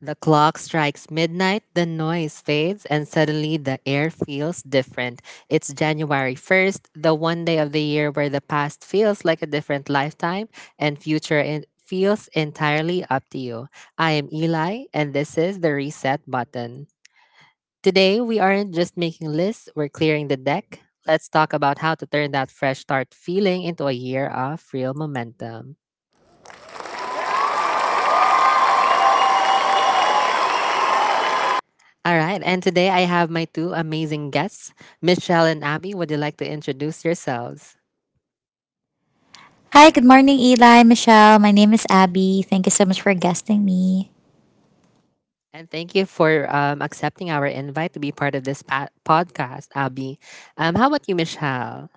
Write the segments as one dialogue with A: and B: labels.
A: The clock strikes midnight, the noise fades, and suddenly the air feels different. It's January 1st, the one day of the year where the past feels like a different lifetime and future feels entirely up to you. I am Eli, and this is the Reset Button. Today, we aren't just making lists, we're clearing the deck. Let's talk about how to turn that fresh start feeling into a year of real momentum. All right, and today I have my two amazing guests, Michelle and Abby. Would you like to introduce yourselves?
B: Hi, good morning, Eli, Michelle. My name is Abby. Thank you so much for guesting me.
A: And thank you for accepting our invite to be part of this podcast, Abby. How about you, Michelle?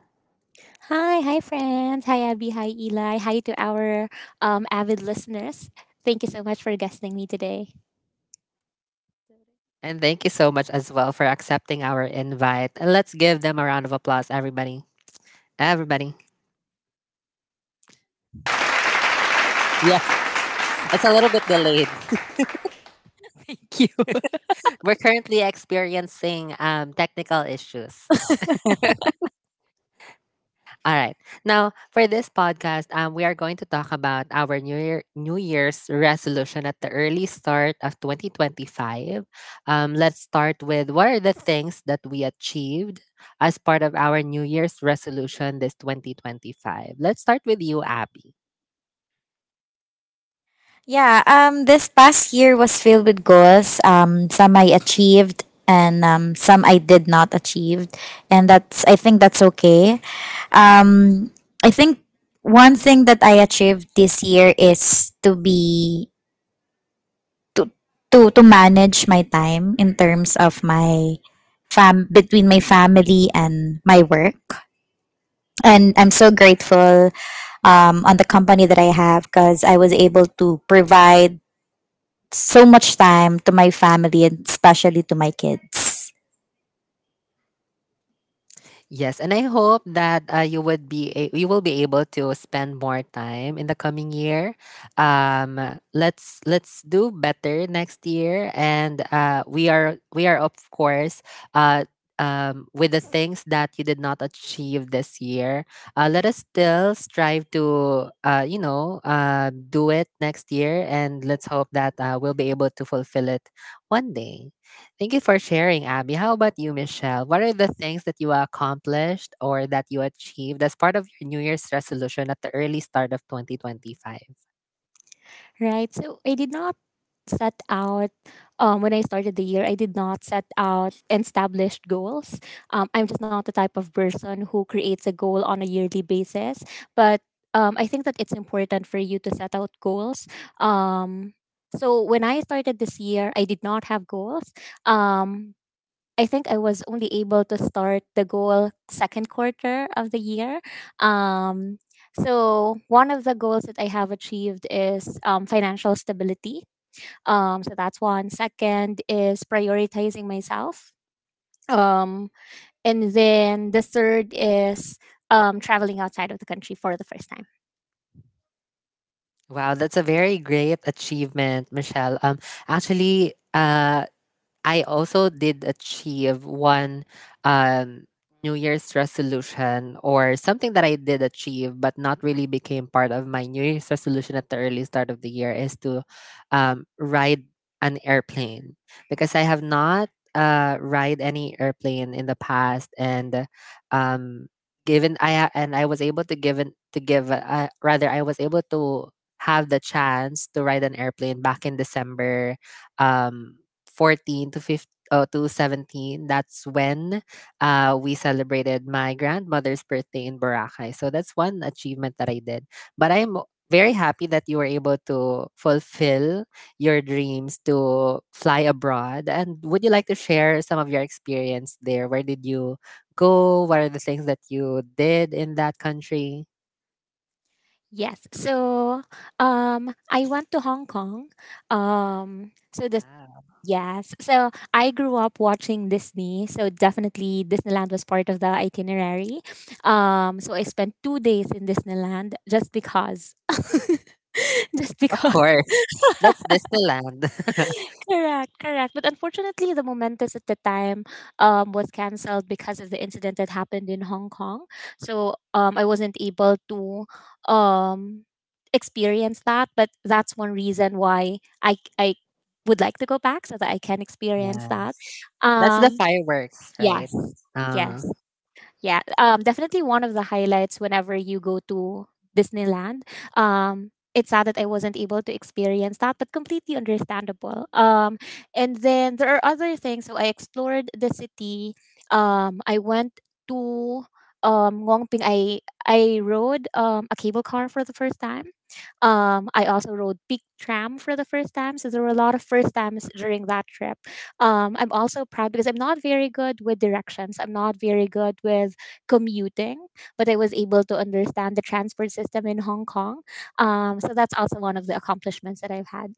C: Hi, hi friends. Hi Abby, hi Eli. Hi to our avid listeners. Thank you so much for guesting me today.
A: And thank you so much as well for accepting our invite. And let's give them a round of applause, everybody. Everybody. Yes, it's a little bit delayed.
C: Thank you.
A: We're currently experiencing technical issues. All right. Now, for this podcast, we are going to talk about our New Year's resolution at the early start of 2025. Let's start with what are the things that we achieved as part of our New Year's resolution this 2025. Let's start with you, Abby.
B: Yeah, this past year was filled with goals. Some I achieved and some I did not achieve. And I think that's okay. Um, I think one thing that I achieved this year is to be, to, to manage my time in terms of my fam, between my family and my work. And I'm so grateful on the company that I have because I was able to provide so much time to my family and especially to my kids.
A: Yes, and I hope that you would you will be able to spend more time in the coming year. Um, let's do better next year, and we are of course, uh, with the things that you did not achieve this year. Let us still strive to do it next year, and let's hope that we'll be able to fulfill it one day. Thank you for sharing, Abby. How about you, Michelle? What are the things that you accomplished or that you achieved as part of your New Year's resolution at the early start of 2025?
C: Right. So I did not set out when I started the year. I did not set out established goals. I'm just not the type of person who creates a goal on a yearly basis. But I think that it's important for you to set out goals. Um, so when I started this year, I did not have goals. Um, I think I was only able to start the goal second quarter of the year. Um, so one of the goals that I have achieved is financial stability. So that's one. Second is prioritizing myself. Um, and then the third is traveling outside of the country for the first time.
A: Wow, that's a very great achievement, Michelle. Actually, I also did achieve one um, New Year's resolution, or something that I did achieve but not really became part of my New Year's resolution at the early start of the year, is to ride an airplane, because I have not ride any airplane in the past, and um, I was able to given to give rather I was able to have the chance to ride an airplane back in December um 14 to 15, oh, to 17. That's when we celebrated my grandmother's birthday in Boracay, so that's one achievement that I did. But I'm very happy that you were able to fulfill your dreams to fly abroad. And would you like to share some of your experience there? Where did you go? What are the things that you did in that country?
C: Yes. So, I went to Hong Kong. So this
A: Wow,
C: Yes. So I grew up watching Disney. So definitely Disneyland was part of the itinerary. So I spent two days in Disneyland just because, just
A: of
C: because.
A: course, that's Disneyland.
C: Correct, correct. But unfortunately, the momentous at the time was cancelled because of the incident that happened in Hong Kong. So I wasn't able to um, experience that. But that's one reason why I would like to go back so that I can experience
A: Yeah,
C: that.
A: that's the
C: Um,
A: fireworks, right?
C: yes, yes.
A: uh
C: Yeah, definitely one of the highlights whenever you go to Disneyland. It's sad that I wasn't able to experience that, but completely understandable. And then there are other things. So I explored the city. I went to Ngongping. I rode a cable car for the first time. I also rode Peak Tram for the first time. So there were a lot of first times during that trip. I'm also proud because I'm not very good with directions. I'm not very good with commuting, but I was able to understand the transport system in Hong Kong. So that's also one of the accomplishments that I've had.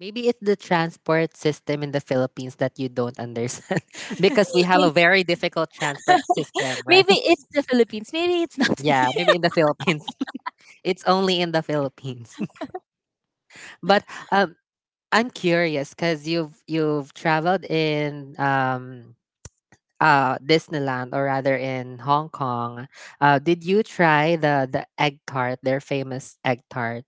A: Maybe it's the transport system in the Philippines that you don't understand, because we have
C: Maybe,
A: a very difficult transport system, right?
C: maybe it's the Philippines. Maybe it's not me.
A: Yeah, maybe in the Philippines. It's only in the Philippines. But I'm curious because you've traveled in Disneyland, or rather in Hong Kong. Did you try the egg tart? Their famous egg tart.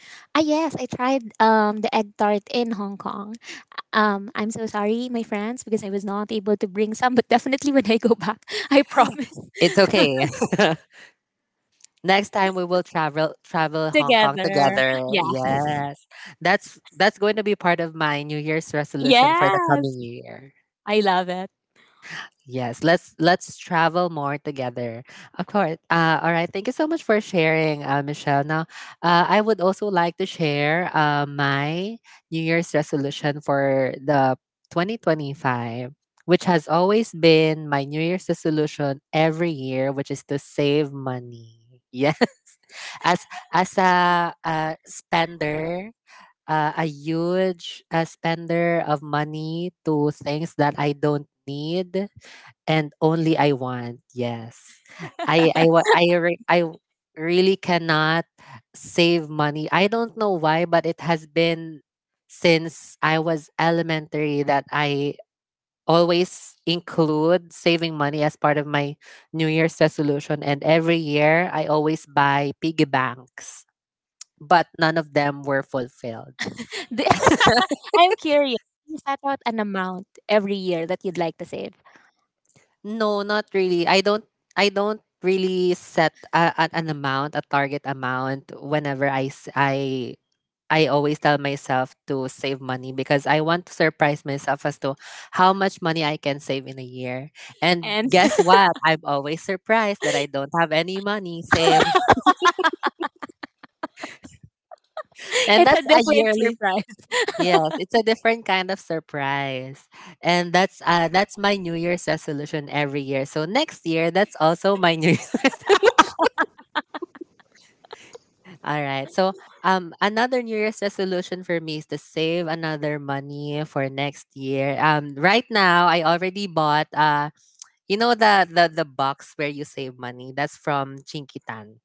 C: Ah, yes, I tried the egg tart in Hong Kong. I'm so sorry, my friends, because I was not able to bring some, but definitely when I go back, I promise.
A: It's okay. Next time we will travel Hong Kong
C: Together.
A: together.
C: Yeah.
A: Yes. That's going to be part of my New Year's resolution for the
C: Yes.
A: coming year.
C: I love it.
A: Yes, let's travel more together. Of course. All right. Thank you so much for sharing, Michelle. Now, I would also like to share my New Year's resolution for the 2025, which has always been my New Year's resolution every year, which is to save money. Yes, as as a spender, a huge spender of money to things that I don't need and only I want. Yes, I really cannot save money. I don't know why, but it has been since I was elementary that I always include saving money as part of my New Year's resolution, and every year I always buy piggy banks, but none of them were fulfilled.
C: Do- I'm curious. You set out an amount every year that you'd like to save.
A: No, not really. I don't really set an amount, a target amount, whenever I s- I always tell myself to save money, because I want to surprise myself as to how much money I can save in a year. And
C: And
A: guess what? I'm always surprised that I don't have any money saved. And
C: it's a
A: that's a
C: different
A: yearly...
C: surprise.
A: Yes, it's a different kind of surprise. And that's my New Year's resolution every year. So next year that's also my New Year's resolution. All right. So another New Year's resolution for me is to save another money for next year. Right now I already bought, the box where you save money. That's from Chinkitan.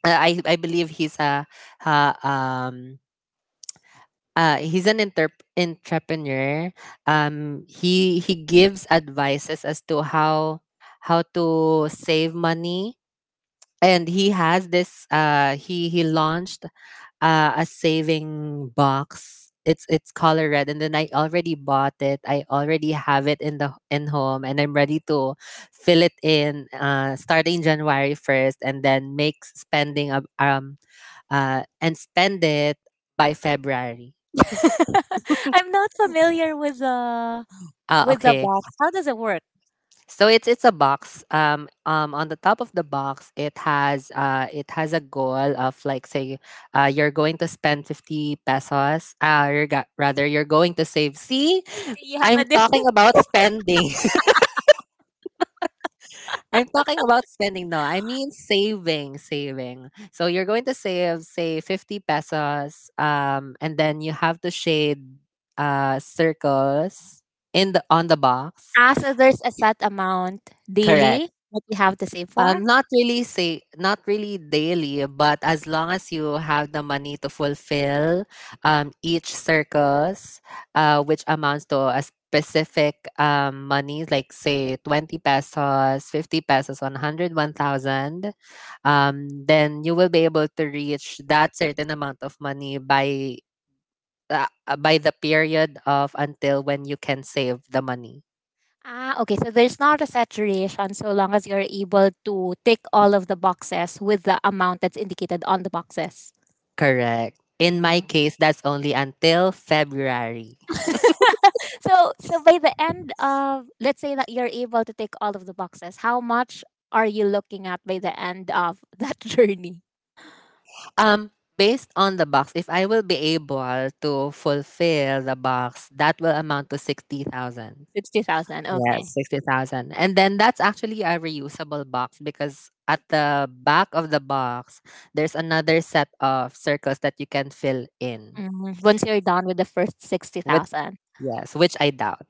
A: I believe he's a, uh, um he's an interp entrepreneur. He gives advices as to how to save money, and he has this. He launched a saving box. It's color red, and then I already bought it. I already have it in the in home, and I'm ready to fill it in starting January 1st, and then make spending ab- and spend it by February.
C: I'm not familiar
A: Ah,
C: with the
A: okay.
C: box. How does it work?
A: So it's a box. On the top of the box, it has, a goal of, like, say, you're going to spend 50 pesos. You're ga- rather You're going to save. See,
C: So you have
A: I'm
C: a
A: talking
C: different.
A: about spending. I'm talking about spending. No, I mean saving, saving. So you're going to save, say, 50 pesos. And then you have to shade circles in the on the box.
C: Ah, so there's a set amount
A: Correct.
C: daily that you have to save for?
A: Not really daily, but as long as you have the money to fulfill each circus, which amounts to a specific, money, like, say, 20 pesos, 50 pesos, 100, 1,000, then you will be able to reach that certain amount of money by, by the period of until when you can save the money.
C: Ah, okay. So there's not a saturation so long as you're able to tick all of the boxes with the amount that's indicated on the boxes.
A: Correct. In my
C: Mhm.
A: case, that's only until February.
C: So, so by the end of, let's say that you're able to tick all of the boxes, how much are you looking at by the end of that journey?
A: Um, based on the box, if I will be able to fulfill the box, that will amount to 60,000.
C: 60,000. Okay.
A: Yes, 60,000. And then that's actually a reusable box, because at the back of the box, there's another set of circles that you can fill in
C: Mhm. Once you're done with the first
A: with,
C: 60,000.
A: yes, which I doubt.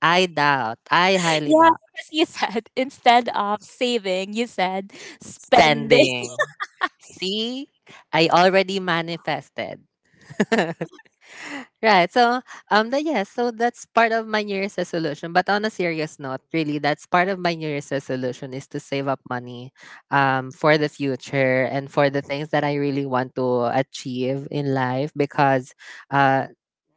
A: I doubt. I highly
C: Yeah,
A: doubt.
C: because you said instead of saving, you said spending.
A: Spending. See, I already manifested. Right. So, yes, so that's part of my New Year's resolution. But on a serious note, really, that's part of my New Year's resolution is to save up money, for the future and for the things that I really want to achieve in life, because, uh,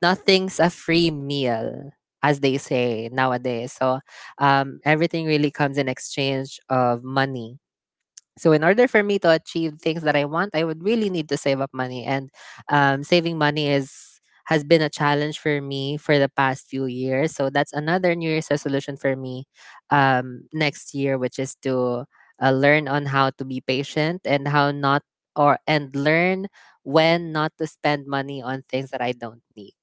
A: nothing's a free meal, as they say nowadays. So, everything really comes in exchange of money. So in order for me to achieve things that I want, I would really need to save up money. And saving money, is has been a challenge for me for the past few years. So that's another New Year's resolution for me, next year, which is to learn on how to be patient, and how not or and learn when not to spend money on things that I don't need.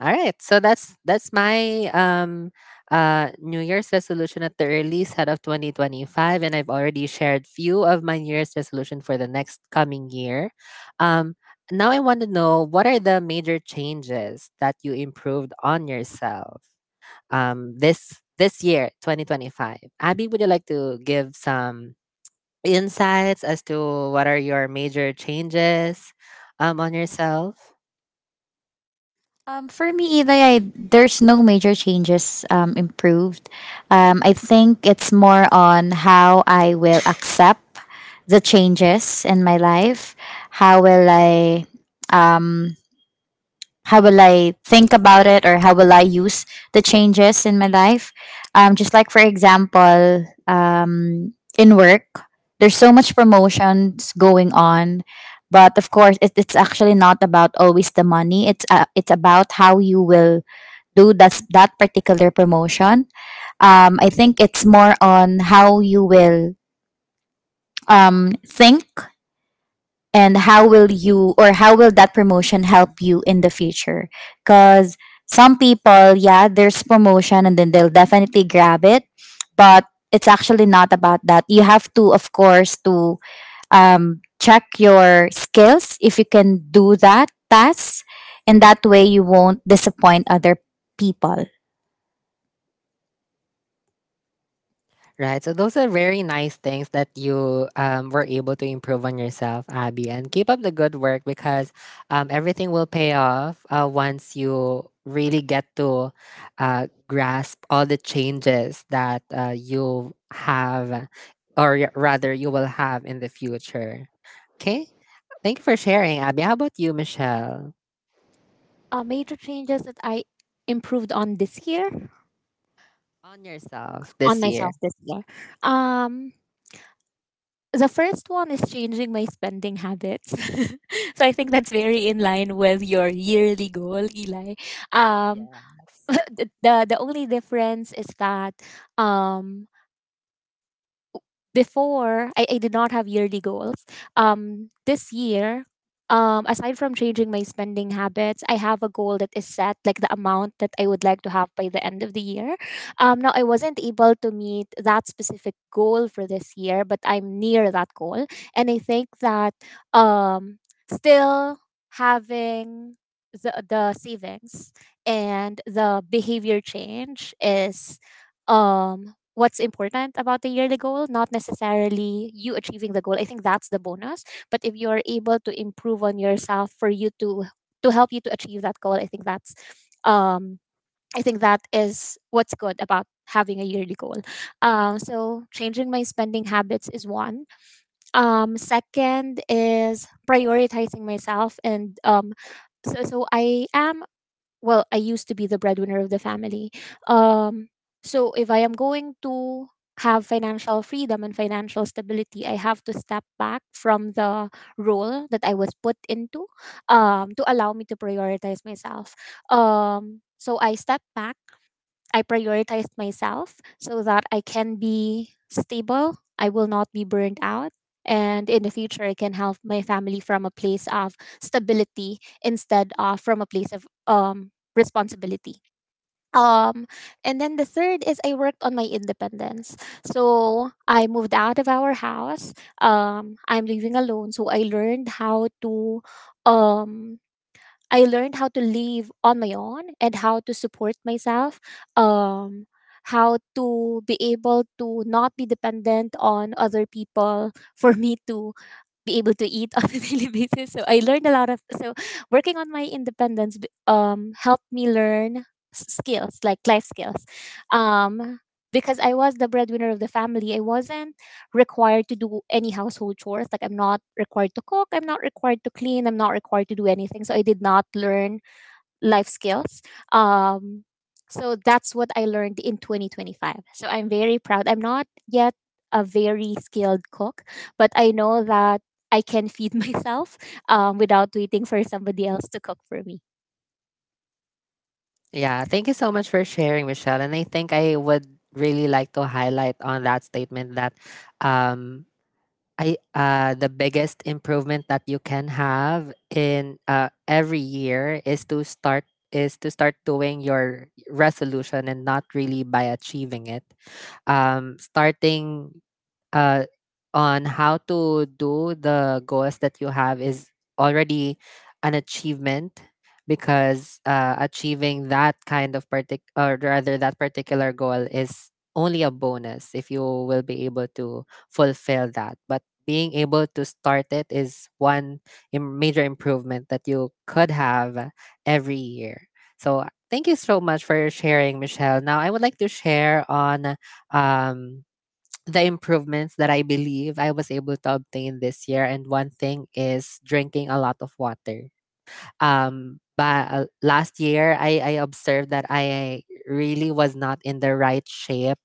A: All right. So that's my New Year's resolution at the earliest head of 2025, and I've already shared few of my New Year's resolution for the next coming year. Um now I want to know what are the major changes that you improved on yourself, this year 2025. Abby, would you like to give some insights as to what are your major changes on yourself?
B: For me, Eli, there's no major changes improved. I think it's more on how I will accept the changes in my life. How will I um, how will I think about it, or how will I use the changes in my life? Just like, for example, in work, there's so much promotions going on. But of course, it's actually not about always the money. It's about how you will do that particular promotion. I think it's more on how you will think, and how will you, or how will that promotion help you in the future, because some people, yeah, there's promotion, and then they'll definitely grab it, but it's actually not about that. You have to, of course, to check your skills if you can do that task, and that way you won't disappoint other people.
A: Right. So those are very nice things that you were able to improve on yourself, Abby. And keep up the good work, because everything will pay off once you really get to grasp all the changes that you have, or rather, you will have in the future. Okay. Thank you for sharing, Abby. How about you, Michelle?
C: Major changes that I improved on this year.
A: On yourself
C: On
A: this year.
C: myself this year. Um, the first one is changing my spending habits. So I think that's very in line with your yearly goal, Eli. Um,
A: Yes.
C: the only difference is that um before I did not have yearly goals. This year, aside from changing my spending habits, I have a goal that is set, like the amount that I would like to have by the end of the year. Now I wasn't able to meet that specific goal for this year, but I'm near that goal, and I think that um, still having the savings and the behavior change is um what's important about the yearly goal, not necessarily you achieving the goal. I think that's the bonus. But if you're able to improve on yourself for you to help you to achieve that goal, I think that's um I think that is what's good about having a yearly goal. So changing my spending habits is one. Second is prioritizing myself and so I am well I used to be the breadwinner of the family. um so if I am going to have financial freedom and financial stability I have to step back from the role that I was put into, to allow me to prioritize myself. So I step back. I prioritized myself so that I can be stable. I will not be burned out. And in the future, I can help my family from a place of stability instead of from a place of responsibility. Um, and then the third is I worked on my independence. So I moved out of our house. I'm living alone. So I learned how to um, I learned how to live on my own and how to support myself. Um, how to be able to not be dependent on other people for me to be able to eat on a daily basis. So I learned a lot of so working on my independence helped me learn skills like life skills. Um because I was the breadwinner of the family, I wasn't required to do any household chores. Like I'm not required to cook, I'm not required to clean, I'm not required to do anything. So I did not learn life skills. Um, so that's what I learned in 2025. So I'm very proud. I'm not yet a very skilled cook, but I know that I can feed myself without waiting for somebody else to cook for me.
A: Yeah, thank you so much for sharing, Michelle. And I think I would really like to highlight on that statement that, um, I the biggest improvement that you can have in every year is to start, is to start doing your resolution and not really by achieving it. Starting uh, on how to do the goals that you have is already an achievement because achieving that kind of partic or rather that particular goal is only a bonus if you will be able to fulfill that, but being able to start it is one major improvement that you could have every year. So thank you so much for sharing, Michelle. Now I would like to share on um, the improvements that I believe I was able to obtain this year. And one thing is drinking a lot of water. But last year, I observed that I really was not in the right shape.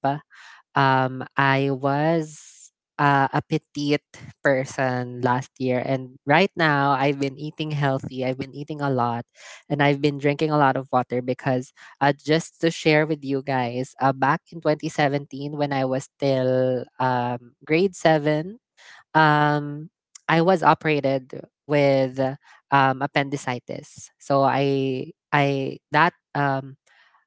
A: I was a petite person last year, and right now I've been eating healthy. I've been eating a lot, and I've been drinking a lot of water because, just to share with you guys, back in 2017 when I was still grade seven, um, I was operated with appendicitis. So I that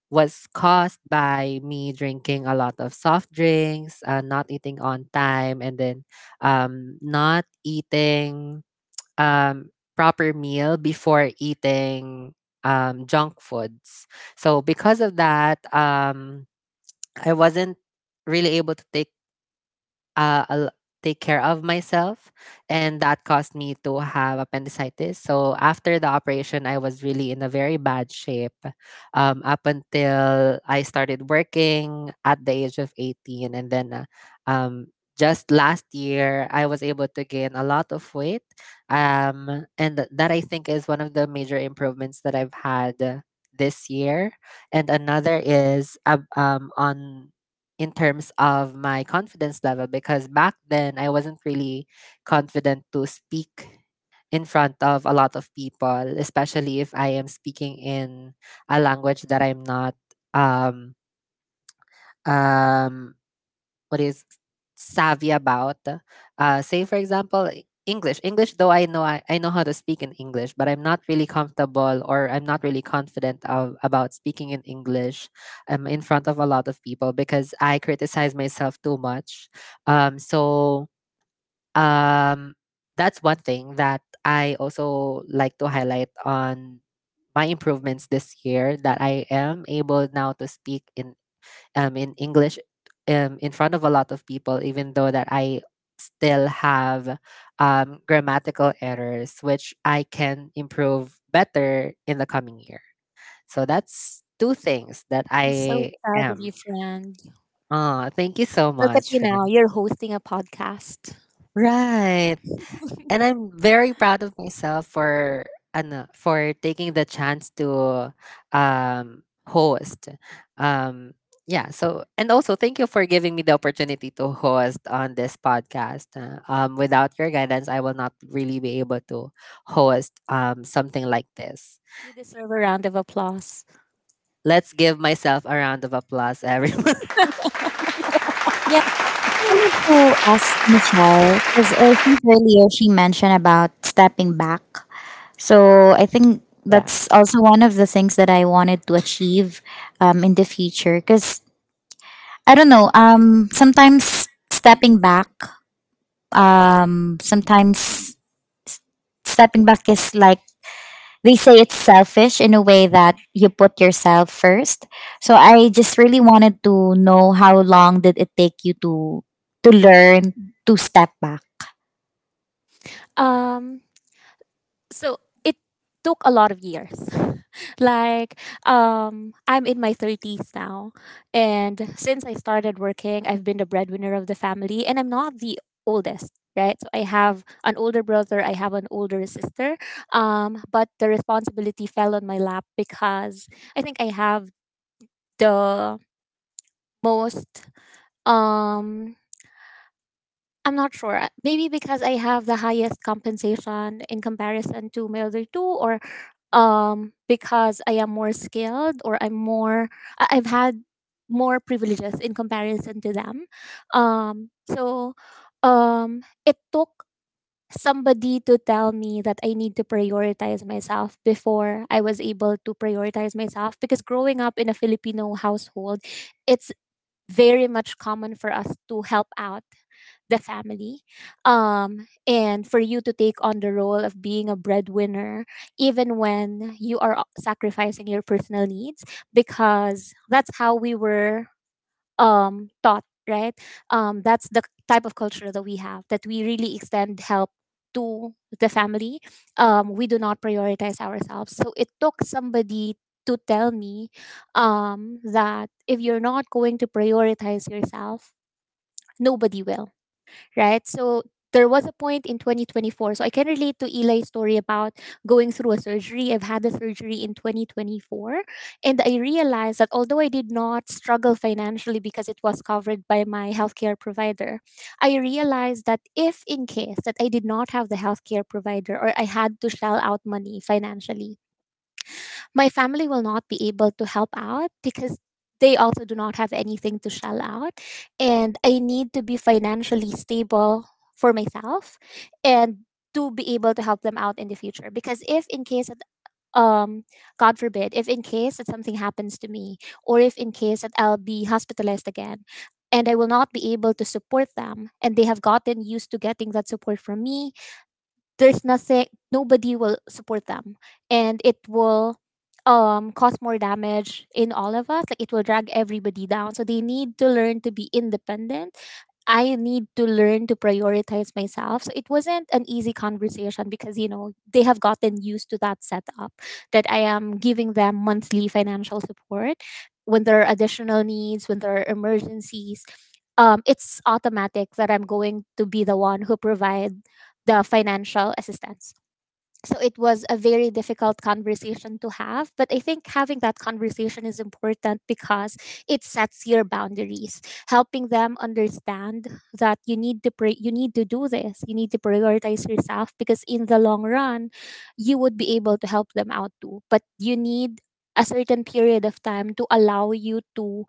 A: was caused by me drinking a lot of soft drinks, not eating on time, and then not eating um, proper meal before eating junk foods. So because of that, I wasn't really able to take I'll take care of myself, and that caused me to have appendicitis. So after the operation, I was really in a very bad shape up until I started working at the age of 18. And then um, just last year, I was able to gain a lot of weight. That I think is one of the major improvements that I've had this year. And another is on in terms of my confidence level because back then I wasn't really confident to speak in front of a lot of people, especially if I am speaking in a language that I'm not um, um, what is savvy about. Say for example, English. English, though I know how to speak in English, but I'm not really comfortable, or I'm not really confident of, about speaking in English in front of a lot of people because I criticize myself too much. So um, that's one thing that I also like to highlight on, my improvements this year, that I am able now to speak in English in front of a lot of people, even though that I still have grammatical errors, which I can improve better in the coming year. So that's two things that
C: I'm so
A: I
C: proud of
A: am.
C: you, friend.
A: Oh, thank you so
C: Look at
A: much,
C: you now.
A: Ren.
C: You're hosting a podcast.
A: Right. And I'm very proud of myself for ano, for taking the chance to host. Um, yeah, so and also thank you for giving me the opportunity to host on this podcast. Without your guidance, I will not really be able to host something like this.
C: You deserve a round of applause.
A: Let's give myself a round of applause, everyone.
B: Yeah, I wanted to ask Michelle, because I think earlier she mentioned about stepping back. So I think
A: Yeah.
B: that's also one of the things that I wanted to achieve in the future. Because I don't know, sometimes stepping back is, like, they say it's selfish in a way that you put yourself first. So I just really wanted to know how long did it take you to learn to step back.
C: Um, so it took a lot of years like I'm in my 30s now, and since I started working I've been the breadwinner of the family, and I'm not the oldest, right? So I have an older brother, I have an older sister. But the responsibility fell on my lap because I think I have the most um I'm not sure. Maybe because I have the highest compensation in comparison to my other two, or because I am more skilled, or I'm more. I've had more privileges in comparison to them. Um, so, um, it took somebody to tell me that I need to prioritize myself before I was able to prioritize myself. Because growing up in a Filipino household, it's very much common for us to help out the family, and for you to take on the role of being a breadwinner even when you are sacrificing your personal needs, because that's how we were taught, right? That's the type of culture that we have, that we really extend help to the family. We do not prioritize ourselves. So it took somebody to tell me that if you're not going to prioritize yourself, nobody will, right? So there was a point in 2024. So I can relate to Eli's story about going through a surgery. I've had a surgery in 2024. And I realized that although I did not struggle financially because it was covered by my healthcare provider, I realized that if in case that I did not have the healthcare provider or I had to shell out money financially, my family will not be able to help out because they also do not have anything to shell out. And I need to be financially stable for myself and to be able to help them out in the future. Because if in case that um god forbid, if in case that something happens to me or if in case that I'll be hospitalized again and I will not be able to support them. And they have gotten used to getting that support from me. There's nothing, nobody will support them, and it will cause more damage in all of us, like it will drag everybody down. So they need to learn to be independent. I need to learn to prioritize myself. So it wasn't an easy conversation because you know they have gotten used to that setup, that I am giving them monthly financial support. When there are additional needs, when there are emergencies, it's automatic that I'm going to be the one who provides the financial assistance. So it was a very difficult conversation to have, but I think having that conversation is important because it sets your boundaries, helping them understand that you need to you need to do this, you need to prioritize yourself because in the long run, you would be able to help them out too. But you need a certain period of time to allow you to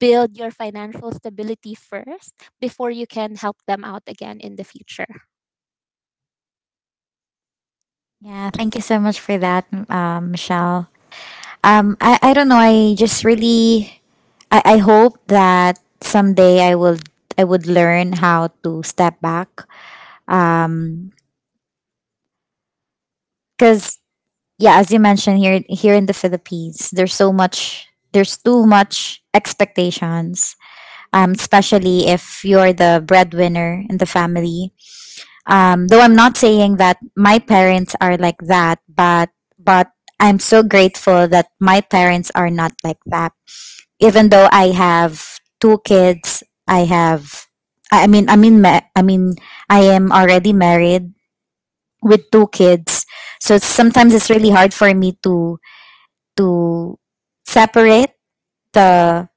C: build your financial stability first before you can help them out again in the future.
B: Yeah, thank you so much for that, Michelle. I don't know. I just really I hope that someday I would learn how to step back. Um, because, yeah, as you mentioned, here in the Philippines, there's too much expectations. Especially if you're the breadwinner in the family. Though I'm not saying that my parents are like that, but but I'm so grateful that my parents are not like that, even though I have two kids, I have I mean ma- I mean I am already married with two kids. So sometimes it's really hard for me to to separate the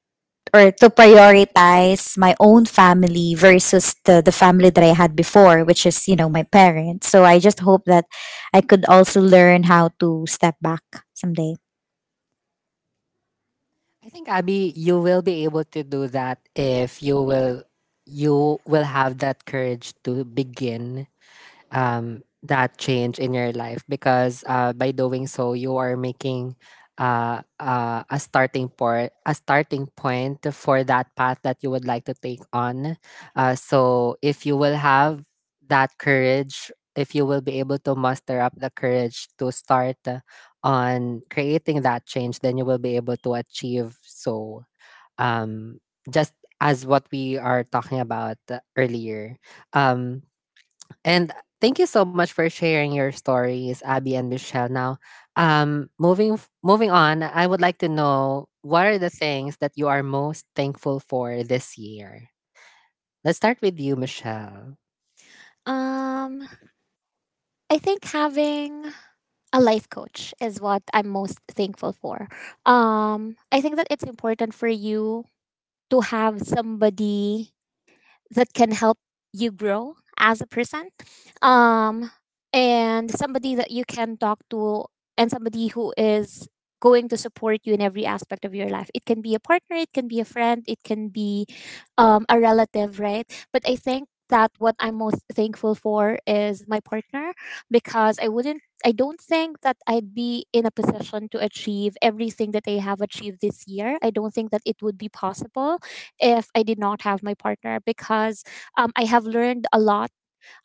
B: or to prioritize my own family versus the family that I had before, which is, you know, my parents. So I just hope that I could also learn how to step back someday.
A: I think, Abby, you will be able to do that if you will, you will have that courage to begin that change in your life because by doing so you are making a starting point, a starting point for that path that you would like to take on. So if you will have that courage, if you will be able to muster up the courage to start on creating that change, then you will be able to achieve. So um, just as what we are talking about earlier. um, and thank you so much for sharing your stories, Abby and Michelle. Now, moving on, I would like to know what are the things that you are most thankful for this year. Let's start with you, Michelle.
C: Um I think having a life coach is what I'm most thankful for. I think that it's important for you to have somebody that can help you grow as a person, um, and somebody that you can talk to, and somebody who is going to support you in every aspect of your life. It can be a partner, it can be a friend, it can be a relative, right? But I think that what I'm most thankful for is my partner, because I don't think that I'd be in a position to achieve everything that I have achieved this year. I don't think that it would be possible if I did not have my partner. Because I have learned a lot.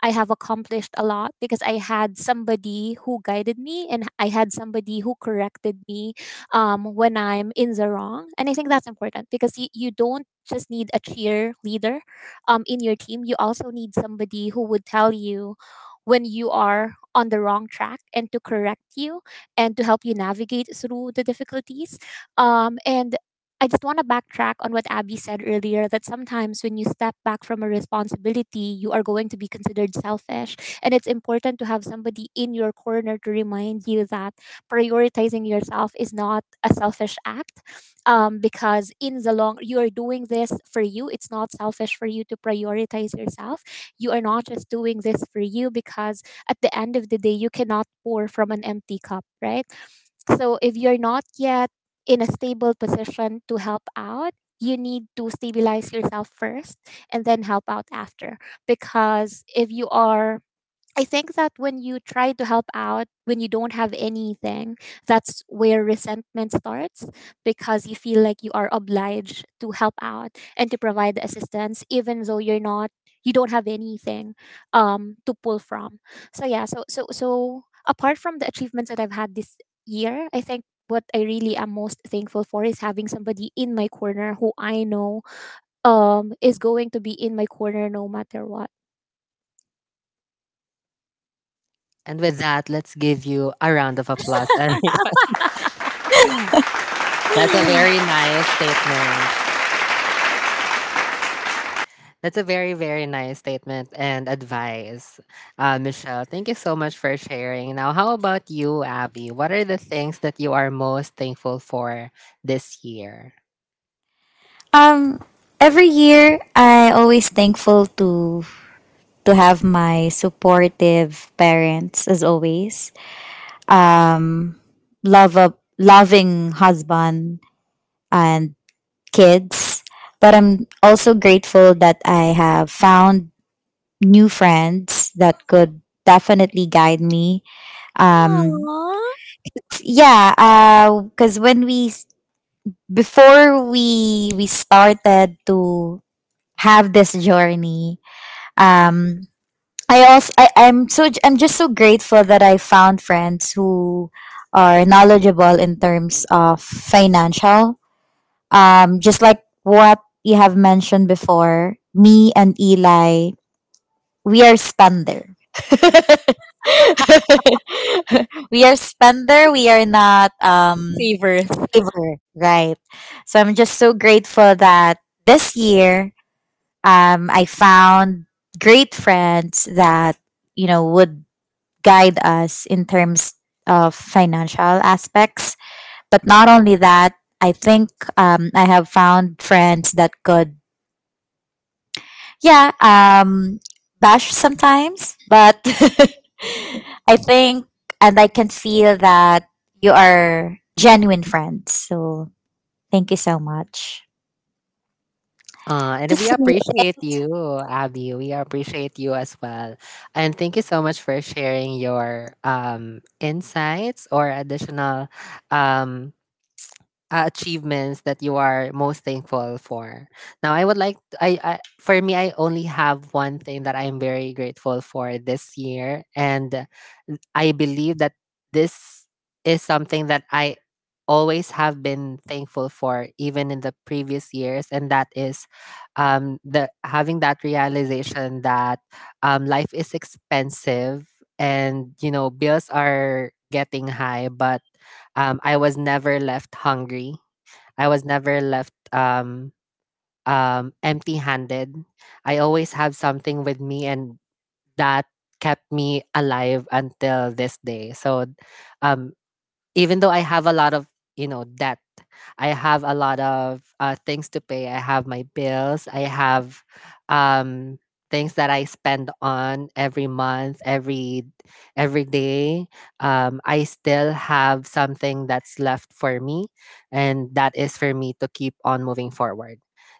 C: I have accomplished a lot because I had somebody who guided me and I had somebody who corrected me when I'm in the wrong. And I think that's important because you don't just need a cheerleader, in your team, you also need somebody who would tell you when you are on the wrong track and to correct you and to help you navigate through the difficulties. And I just want to backtrack on what Abby said earlier that sometimes when you step back from a responsibility, you are going to be considered selfish. And it's important to have somebody in your corner to remind you that prioritizing yourself is not a selfish act. Because in the long, you are doing this for you. It's not selfish for you to prioritize yourself. You are not just doing this for you because at the end of the day, you cannot pour from an empty cup, right? So if you're not yet in a stable position to help out, you need to stabilize yourself first and then help out after. Because if you are I think that when you try to help out when you don't have anything, that's where resentment starts because you feel like you are obliged to help out and to provide the assistance even though you don't have anything to pull from. So yeah, so apart from the achievements that I've had this year, I think what I really am most thankful for is having somebody in my corner who I know is going to be in my corner no matter what.
A: And with that, let's give you a round of applause. And that's a very nice statement. That's a very, very nice statement and advice, Michelle. Thank you so much for sharing. Now, how about you, Abby? What are the things that you are most thankful for this year?
B: Um every year I always thankful to have my supportive parents as always. Um, Love a loving husband and kids. But I'm also grateful that I have found new friends that could definitely guide me. Um,
C: Aww.
B: yeah, because before we started to have this journey, um, I'm so I I'm just so grateful that I found friends who are knowledgeable in terms of financial. Just like what you have mentioned before, me and Eli, we are spender. We are spender. We are not
C: Everth.
B: giver, right? So I'm just so grateful that this year I found great friends that, you know, would guide us in terms of financial aspects. But not only that, I think I have found friends that could, yeah, bash sometimes, but I think, and I can feel that you are genuine friends. So thank you so much. To
A: And we
B: see,
A: appreciate you, Abby. We appreciate you as well. And thank you so much for sharing your insights or additional um, achievements that you are most thankful for. Now, I would like I for me, I only have one thing that I am very grateful for this year, and I believe that this is something that I always have been thankful for even in the previous years, and that is the having that realization that life is expensive and, you know, bills are getting high, but I was never left hungry, I was never left empty handed. I always have something with me, and that kept me alive until this day. So, um, even though I have a lot of, you know, debt, I have a lot of things to pay. I have my bills. I have um, things that I spend on every month, every day. I still have something that's left for me, and that is for me to keep on moving forward.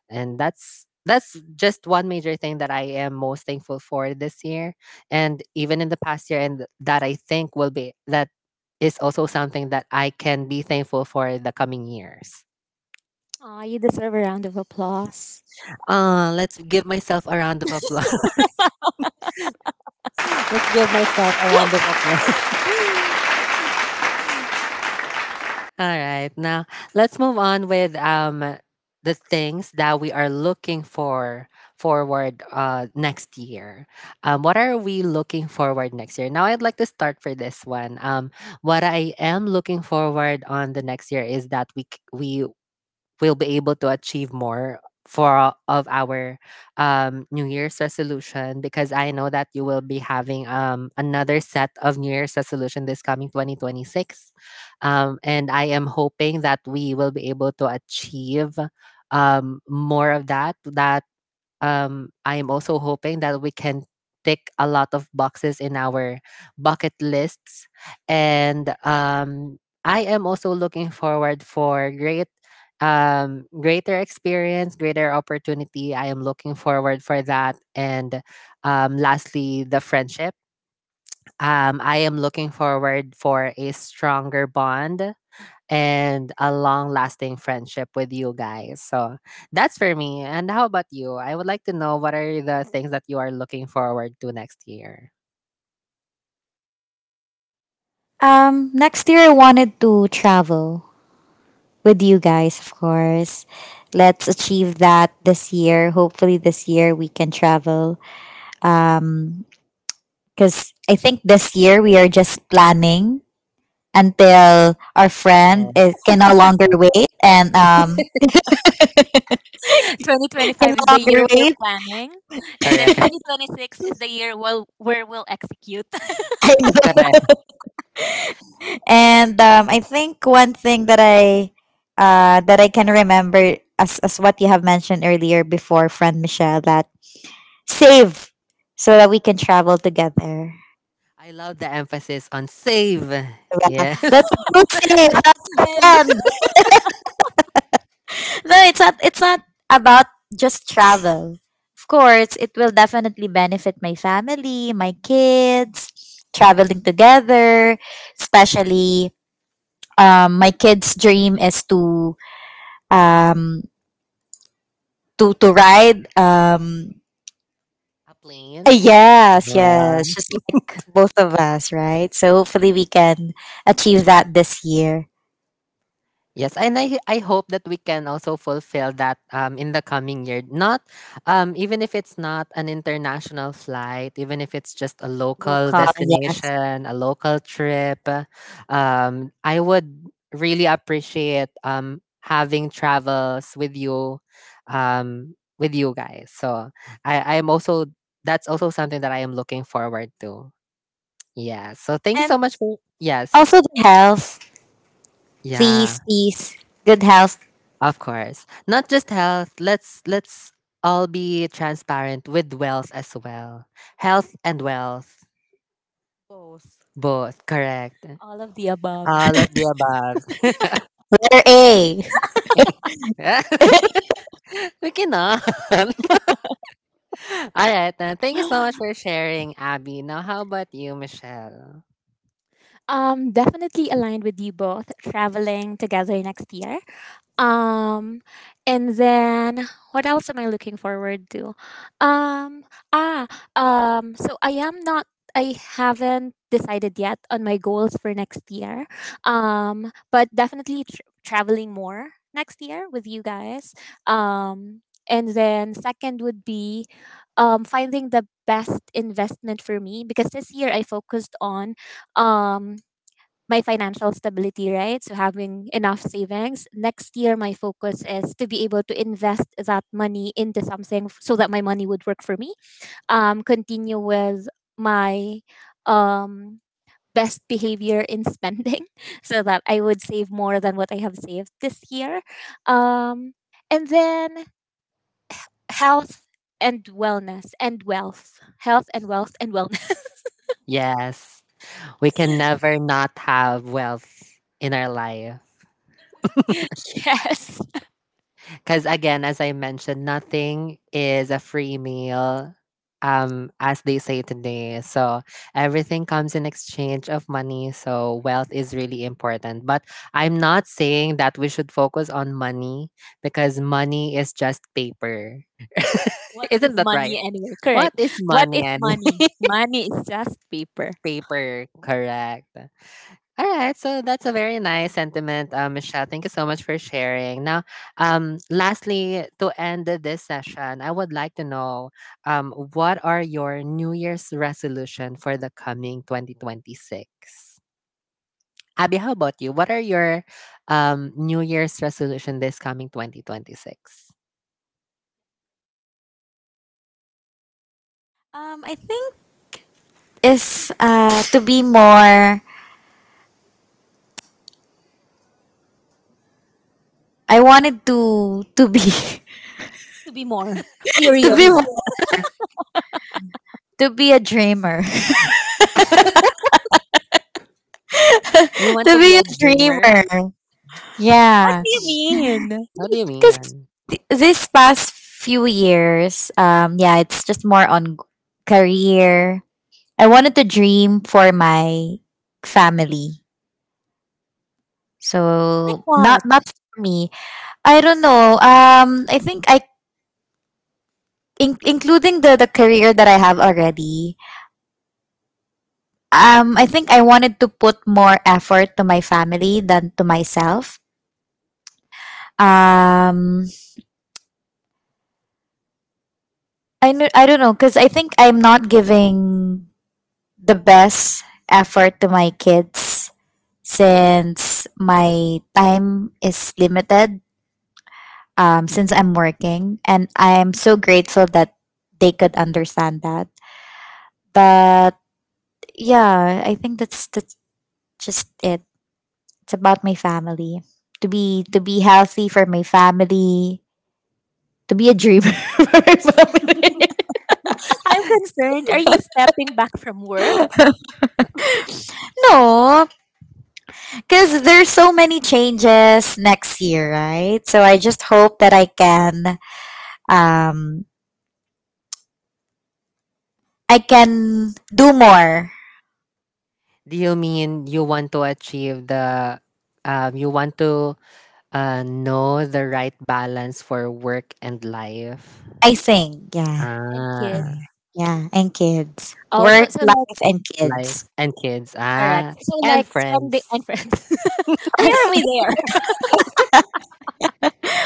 A: And that's just one major thing that I am most thankful for this year, and even in the past year, and that I think will be, that is also something that I can be thankful for the coming years.
C: Aw, you deserve a round of applause.
A: Let's give myself a round of applause. Let's give myself a round of applause. All right, now let's move on with the things that we are looking for forward next year. What are we looking forward next year? Now I'd like to start for this one. What I am looking forward on the next year is that we c- we we'll be able to achieve more for all of our New Year's resolution because I know that you will be having another set of New Year's resolution this coming 2026. And I am hoping that we will be able to achieve more of that. I am also hoping that we can tick a lot of boxes in our bucket lists, and I am also looking forward for great, greater experience, greater opportunity. I am looking forward for that, and lastly, the friendship. I am looking forward for a stronger bond and a long lasting friendship with you guys. So that's for me. And how about you? I would like to know what are the things that you are looking forward to next year?
B: next year I wanted to travel, with you guys, of course. Let's achieve that this year. Hopefully, this year we can travel. Um, because I think this year we are just planning, until our friend
A: Yeah.
B: can no longer wait, and can
C: 2025
B: no
C: is the year
B: longer
C: for
B: wait.
C: planning, and then
A: Correct.
C: 2026 is the year well where we'll execute.
B: I know.
A: Correct.
B: And I think one thing that I can remember, as what you have mentioned earlier before, friend Michelle, that save so that we can travel together.
A: I love the emphasis on save.
B: Yeah,
A: Yeah.
B: that's Gucci.
C: Not
B: That's
C: spend
B: them. No, it's not. It's not about just travel. Of course, it will definitely benefit my family, my kids, traveling together. Especially, my kids' dream is um to ride
A: A plane.
B: Yes, yes, just like both of us, right? So hopefully we can achieve that this year.
A: Yes, and I hope that we can also fulfill that in the coming year. Not even if it's not an international flight, even if it's just a local
B: Local, yes,
A: destination, a local trip. I would really appreciate having travels with you guys. So I am also, that's also something that I am looking forward to. Yeah. So thank you so
B: and
A: much for yes
B: also the health.
A: yeah.
B: Please, please. Good health.
A: Of course. Not just health. Let's all be transparent with wealth as well. Health and wealth.
B: Both.
A: Both, correct.
C: all of the above.
A: All of the above.
B: Letter A.
A: We cannot. All right. Then. Thank you so much for sharing, Abby. Now how about you, Michelle?
C: Definitely aligned with you both. Traveling together next year. Um, and then what else am I looking forward to? Um, ah, so I am not, I haven't decided yet on my goals for next year. But definitely traveling more next year with you guys. Um, and then Second would be finding the best investment for me because this year I focused on um, my financial stability, right? So having enough savings. Next year, my focus is to be able to invest that money into something so that my money would work for me. Continue with my um best behavior in spending so that I would save more than what I have saved this year. Um, and then Health and wellness and wealth, health and wealth and wellness.
A: Yes. We can never not have wealth in our life.
C: Yes.
A: Because again, as I mentioned, nothing is a free meal, as they say today. So everything comes in exchange of money. So wealth is really important. But I'm not saying that we should focus on money, because money is just paper.
C: What
A: Isn't
C: is
A: that right?
C: money anyway?
A: What
C: Correct.
A: is
C: What
A: money,
C: is
A: and
C: money? Money is just paper.
A: paper? Correct. All right, so that's a very nice sentiment, Michelle. Thank you so much for sharing. Now, lastly, to end this session, I would like to know, what are your New Year's resolution for the coming 2026? Abby, how about you? What are your New Year's resolution this coming 2026?
B: I think is to be more. I wanted to be
C: To be more.
B: to
C: Period.
A: To be
B: be more,
A: what?
B: to be a dreamer.
A: You want
B: To
A: to be
B: be a
A: a dreamer?
B: dreamer.
C: What
B: Yeah.
C: do you mean?
A: What do you
B: Cuz
A: mean?
B: this past few years, yeah, it's just more on career. I wanted to dream for my family.
C: Like
B: So
C: what?
B: not, not for me. I don't know. I think I in- Including the career that I have already, I think I wanted to put more effort to my family than to myself. Um, I don't know, because I think I'm not giving the best effort to my kids, since my time is limited. Since I'm working, and I'm so grateful that they could understand that. But yeah, I think that's just it. It's about my family. To be healthy for my family. To be a dreamer for my family.
C: I'm concerned. Are you stepping back from work
B: No, because there's so many changes next year, right? So I just hope that um I can do more.
A: Do you mean you want to achieve the, you want to, uh, know the right balance for work and life.
B: I think, yeah,
C: and kids?
B: yeah,
A: Ah,
B: yeah, and kids,
C: Oh, so
B: work,
C: so like
B: life, and
A: life
B: kids,
A: and kids.
C: correct.
A: Ah,
C: So
A: and
C: like spending and
A: friends.
C: friends. Where are we there?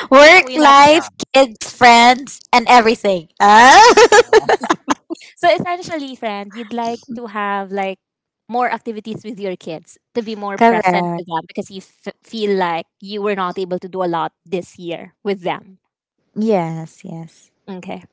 A: Why are
B: work,
A: we not there?
B: life, kids, friends, and everything. Ah,
C: So essentially, friend, you'd like to have like more activities with your kids to be more present
B: correct.
C: with them because you feel like you were not able to do a lot this year with them.
B: Yes, yes.
C: Okay.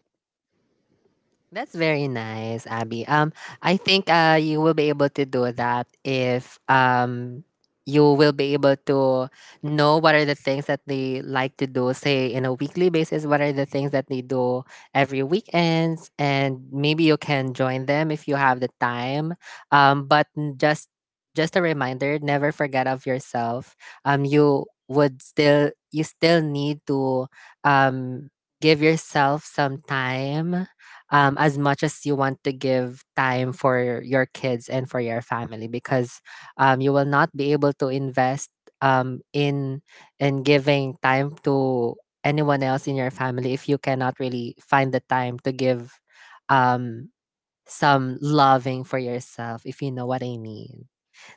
A: That's very nice, Abby. I think you will be able to do that if you will be able to know what are the things that they like to do, say, in a weekly basis, what are the things that they do every weekends, and maybe you can join them if you have the time. Um, but n- just just a reminder, never forget of yourself. You would still, you still need to um, give yourself some time as much as you want to give time for your kids and for your family, because you will not be able to invest um, in in giving time to anyone else in your family if you cannot really find the time to give um, some loving for yourself, if you know what I mean.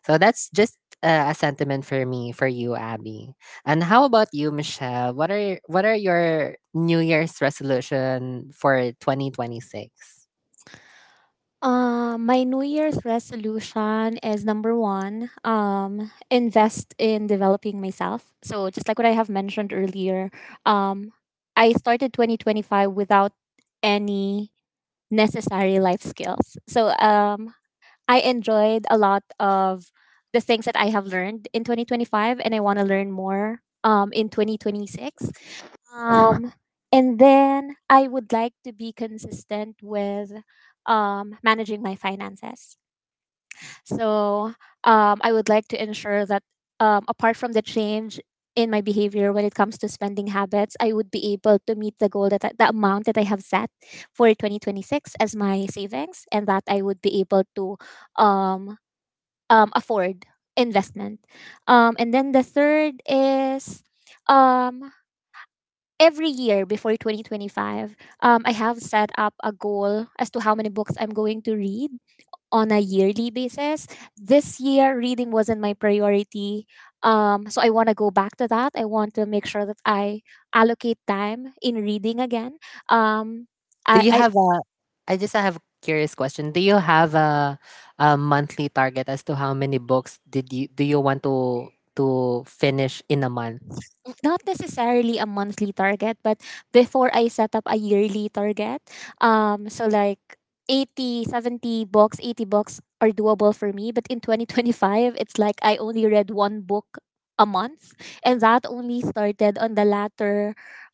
A: So that's just a sentiment for me, for you, Abby. And how about you, Michelle? What are your New Year's resolution for 2026?
C: My New Year's resolution is number one, invest in developing myself. So just like what I have mentioned earlier, um, I started 2025 without any necessary life skills. So I enjoyed a lot of the things that I have learned in 2025, and I want to learn more in 2026. Um, and then I would like to be consistent with managing my finances. So I would like to ensure that, apart from the change in my behavior when it comes to spending habits, I would be able to meet the goal the amount that I have set for 2026 as my savings, and that I would be able to um, afford investment. And then The third is. Um, every year before 2025, I have set up a goal as to how many books I'm going to read on a yearly basis. This year, reading wasn't my priority. So I want to go back to that. I want to make sure that I allocate time in reading again. Um,
A: Do you
C: I
A: have a? I just have a curious question. Do you have a monthly target as to how many books did you do you want to finish in a month?
C: Not necessarily a monthly target, but before I set up a yearly target, so like 80, 70 books, 80 books are doable for me. But in 2025, it's like I only read one book a month. And that only started on the latter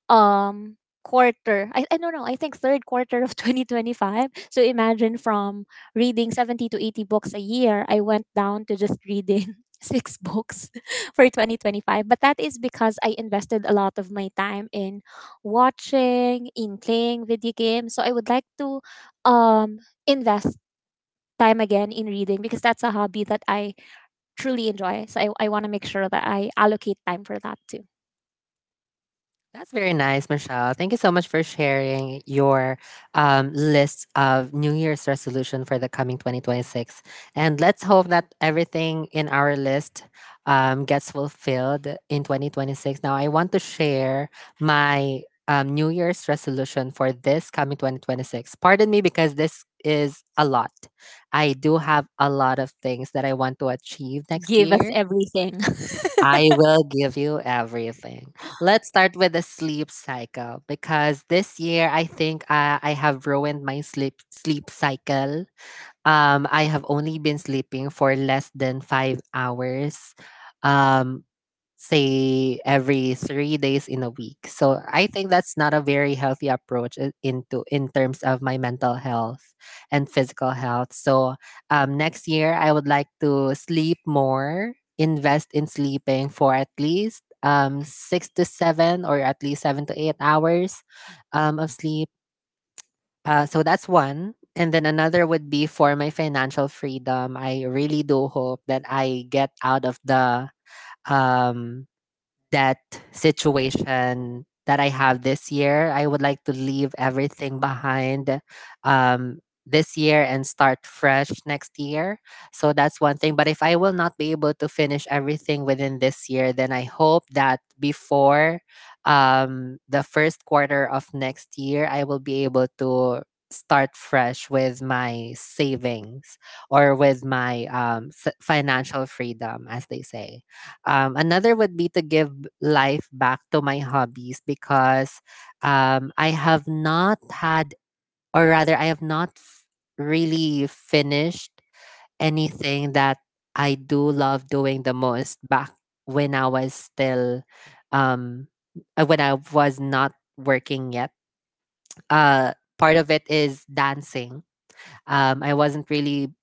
C: um, quarter. I don't know. I think third quarter of 2025. So imagine from reading 70 to 80 books a year, I went down to just reading six books for 2025, but that is because I invested a lot of my time in watching in playing video games. So I would like to um invest time again in reading because that's a hobby that I truly enjoy. So I want to make sure that I allocate time for that too.
A: That's very nice, Michelle. Thank you so much for sharing your list of New Year's resolution for the coming 2026. And let's hope that everything in our list gets fulfilled in 2026. Now, I want to share my New Year's resolution for this coming 2026. Pardon me because this is a lot. I do have a lot of things that I want to achieve next
C: Give us
A: year.
C: everything. The
A: I will give you everything. Let's start with the sleep cycle because this year I think I have ruined my sleep cycle. I have only been sleeping for less than 5 hours. Um, Say every 3 days in a week. So I think that's not a very healthy approach I- into in terms of my mental health and physical health. So next year I would like to sleep more, invest in sleeping for at least 6 to 7 or at least 7 to 8 hours of sleep. So that's one. And then another would be for my financial freedom. I really do hope that I get out of the um that situation that I have this year. I would like to leave everything behind, um, this year and start fresh next year. So that's one thing. But if I will not be able to finish everything within this year, then I hope that before the first quarter of next year, I will be able to start fresh with my savings or with my financial freedom, as they say. Another would be to give life back to my hobbies because I have not had, or rather, I have not f- really finished anything that I do love doing the most back when I was still, um, when I was not working yet. Part of it is dancing. I wasn't really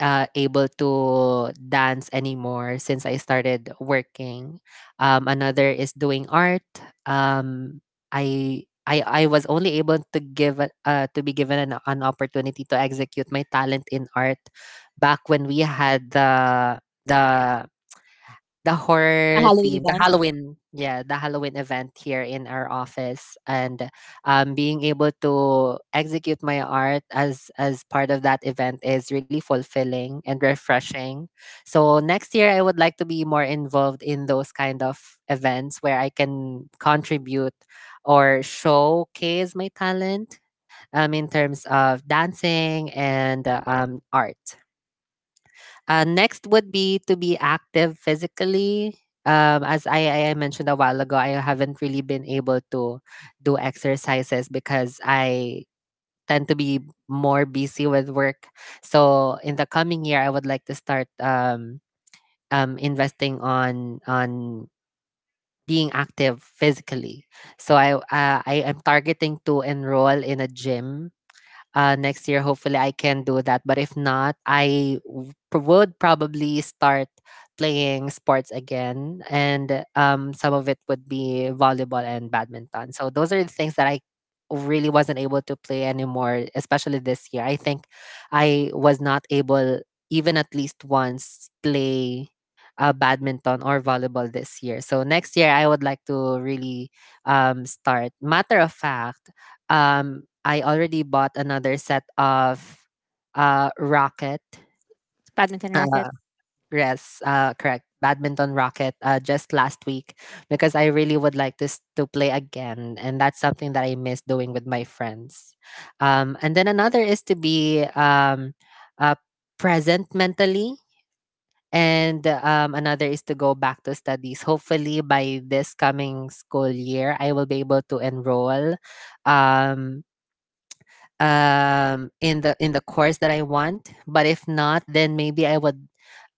A: able to dance anymore since I started working. Another is doing art. Um, I was only able to give to be given an opportunity to execute my talent in art back when we had the the horror
C: Halloween
A: theme, the
C: event.
A: Halloween, yeah, the Halloween event here in our office, and being able to execute my art as part of that event is really fulfilling and refreshing. So next year, I would like to be more involved in those kind of events where I can contribute or showcase my talent in terms of dancing and art. Next would be to be active physically. As I mentioned a while ago, I haven't really been able to do exercises because I tend to be more busy with work. So in the coming year, I would like to start investing on being active physically. So I am targeting to enroll in a gym, next year. Hopefully I can do that, but if not, would probably start playing sports again, and some of it would be volleyball and badminton. So those are the things that I really wasn't able to play anymore, especially this year. I think I was not able even at least once play badminton or volleyball this year. So next year I would like to really start. Matter of fact, I already bought another set of racket.
C: Badminton racket.
A: Uh, yes, correct. Badminton racket, just last week, because I really would like to to play again, and that's something that I miss doing with my friends. And then another is to be uh, present mentally, and another is to go back to studies. Hopefully, by this coming school year, I will be able to enroll. Um, in the course that I want. But if not, then maybe I would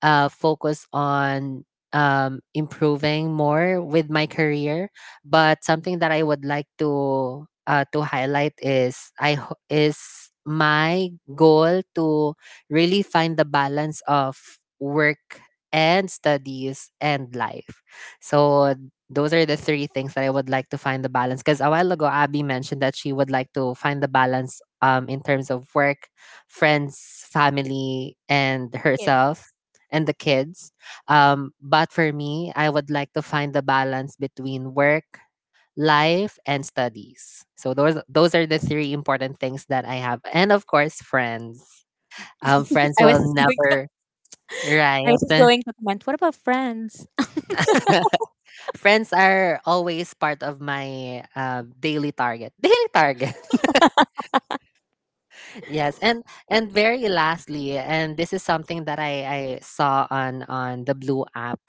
A: focus on improving more with my career. But something that I would like to highlight is is my goal to really find the balance of work and studies and life. So those are the three things that I would like to find the balance. Because a while ago, Abby mentioned that she would like to find the balance in terms of work, friends, family, and
C: Kids.
A: herself and the kids. But for me, I would like to find the balance between work, life, and studies. So those are the three important things that I have, and of course, friends. Friends
C: i was
A: will
C: going
A: never.
C: I was just
A: Right.
C: going to comment, what about friends?
A: Friends are always part of my daily target. Daily target, yes. And very lastly, and this is something that I saw on the blue app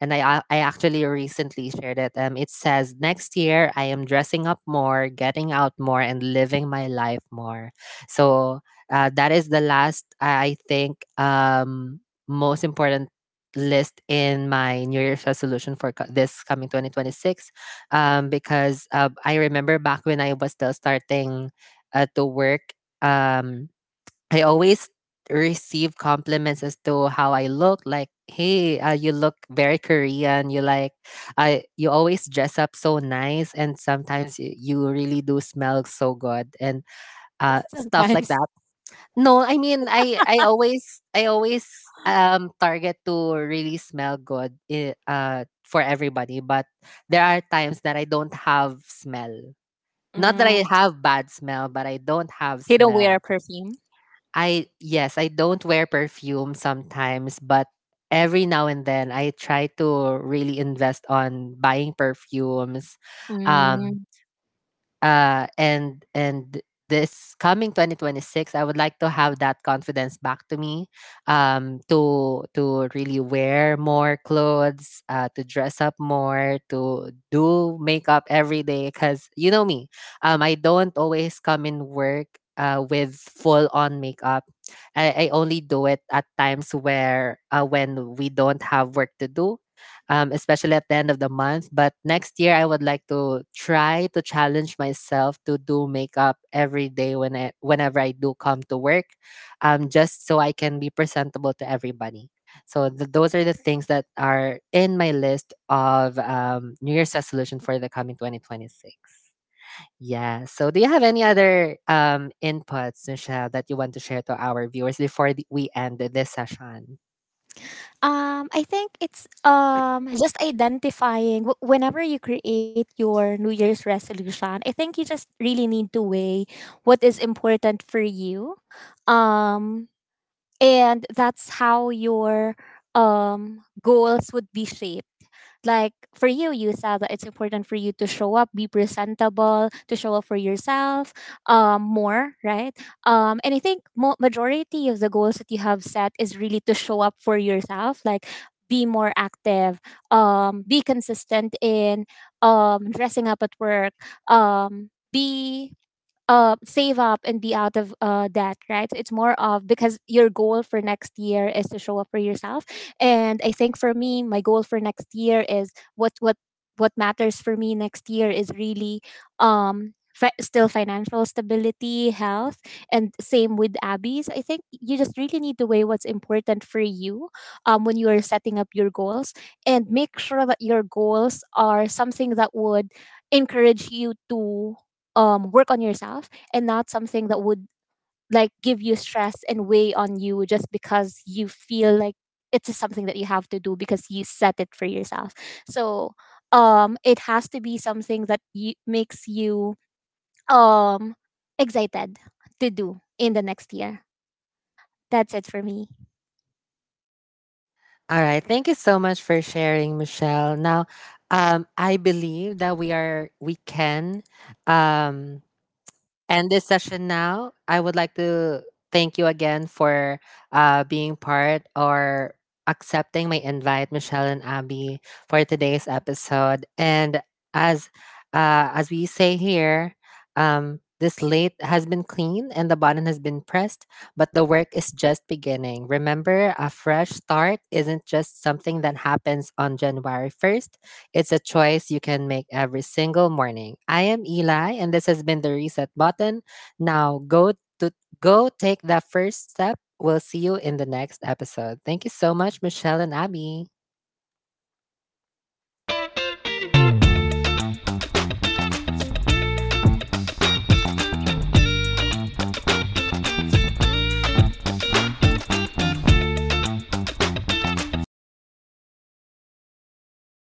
A: and I actually recently shared it. It says next year I am dressing up more, getting out more, and living my life more. So, that is the last. I think most important list in my New Year's resolution for this coming 2026, because, I remember back when I was still starting to work, um I always receive compliments as to how I look like. Hey, you look very Korean. You like, I, you always dress up so nice, and sometimes you really do smell so good and
C: Just
A: stuff like
C: sometimes.
A: that. No, I mean, I always, I always target to really smell good for everybody. But there are times that I don't have smell. Not that I
C: Mm,
A: have bad smell, but I don't have
C: they don't wear
A: smell.
C: perfume.
A: I, yes, I don't wear perfume sometimes, but every now and then I try to really invest on buying perfumes. Um,
C: Mm.
A: and This coming 2026 I would like to have that confidence back to me, to really wear more clothes, to dress up more, to do makeup every day, cuz you know me, I don't always come in work with full on makeup. I only do it at times where, when we don't have work to do, especially at the end of the month. But next year, I would like to try to challenge myself to do makeup every day when whenever I do come to work, just so I can be presentable to everybody. So those are the things that are in my list of New Year's resolution for the coming 2026. Yeah. So do you have any other inputs, Michelle, that you want to share to our viewers before we end this session?
C: I think it's just identifying whenever you create your New Year's resolution. I think you just really need to weigh what is important for you. Um, and that's how your goals would be shaped. Like for you, you said that it's important for you to show up, be presentable, to show up for yourself more, right? And I think majority of the goals that you have set is really to show up for yourself. Like be more active, be consistent in dressing up at work, be save up and be out of debt, right? So it's more of because your goal for next year is to show up for yourself. And I think for me, my goal for next year is what matters for me next year is really still financial stability, health, and same with Abby's. I think you just really need to weigh what's important for you when you are setting up your goals and make sure that your goals are something that would encourage you to work on yourself and not something that would like give you stress and weigh on you just because you feel like it's just something that you have to do because you set it for yourself. So it has to be something that makes you um, excited to do in the next year. That's it for me.
A: All right. Thank you so much for sharing, Michelle. Now, I believe that we can um, end this session now. I would like to thank you again for being part or accepting my invite, Michelle and Abby, for today's episode. And as, as we say here, the slate has been clean and the button has been pressed, but the work is just beginning. Remember, a fresh start isn't just something that happens on January 1st. It's a choice you can make every single morning. I am Eli, and this has been the Reset Button. Now go to go take that first step. We'll see you in the next episode. Thank you so much, Michelle and Abby.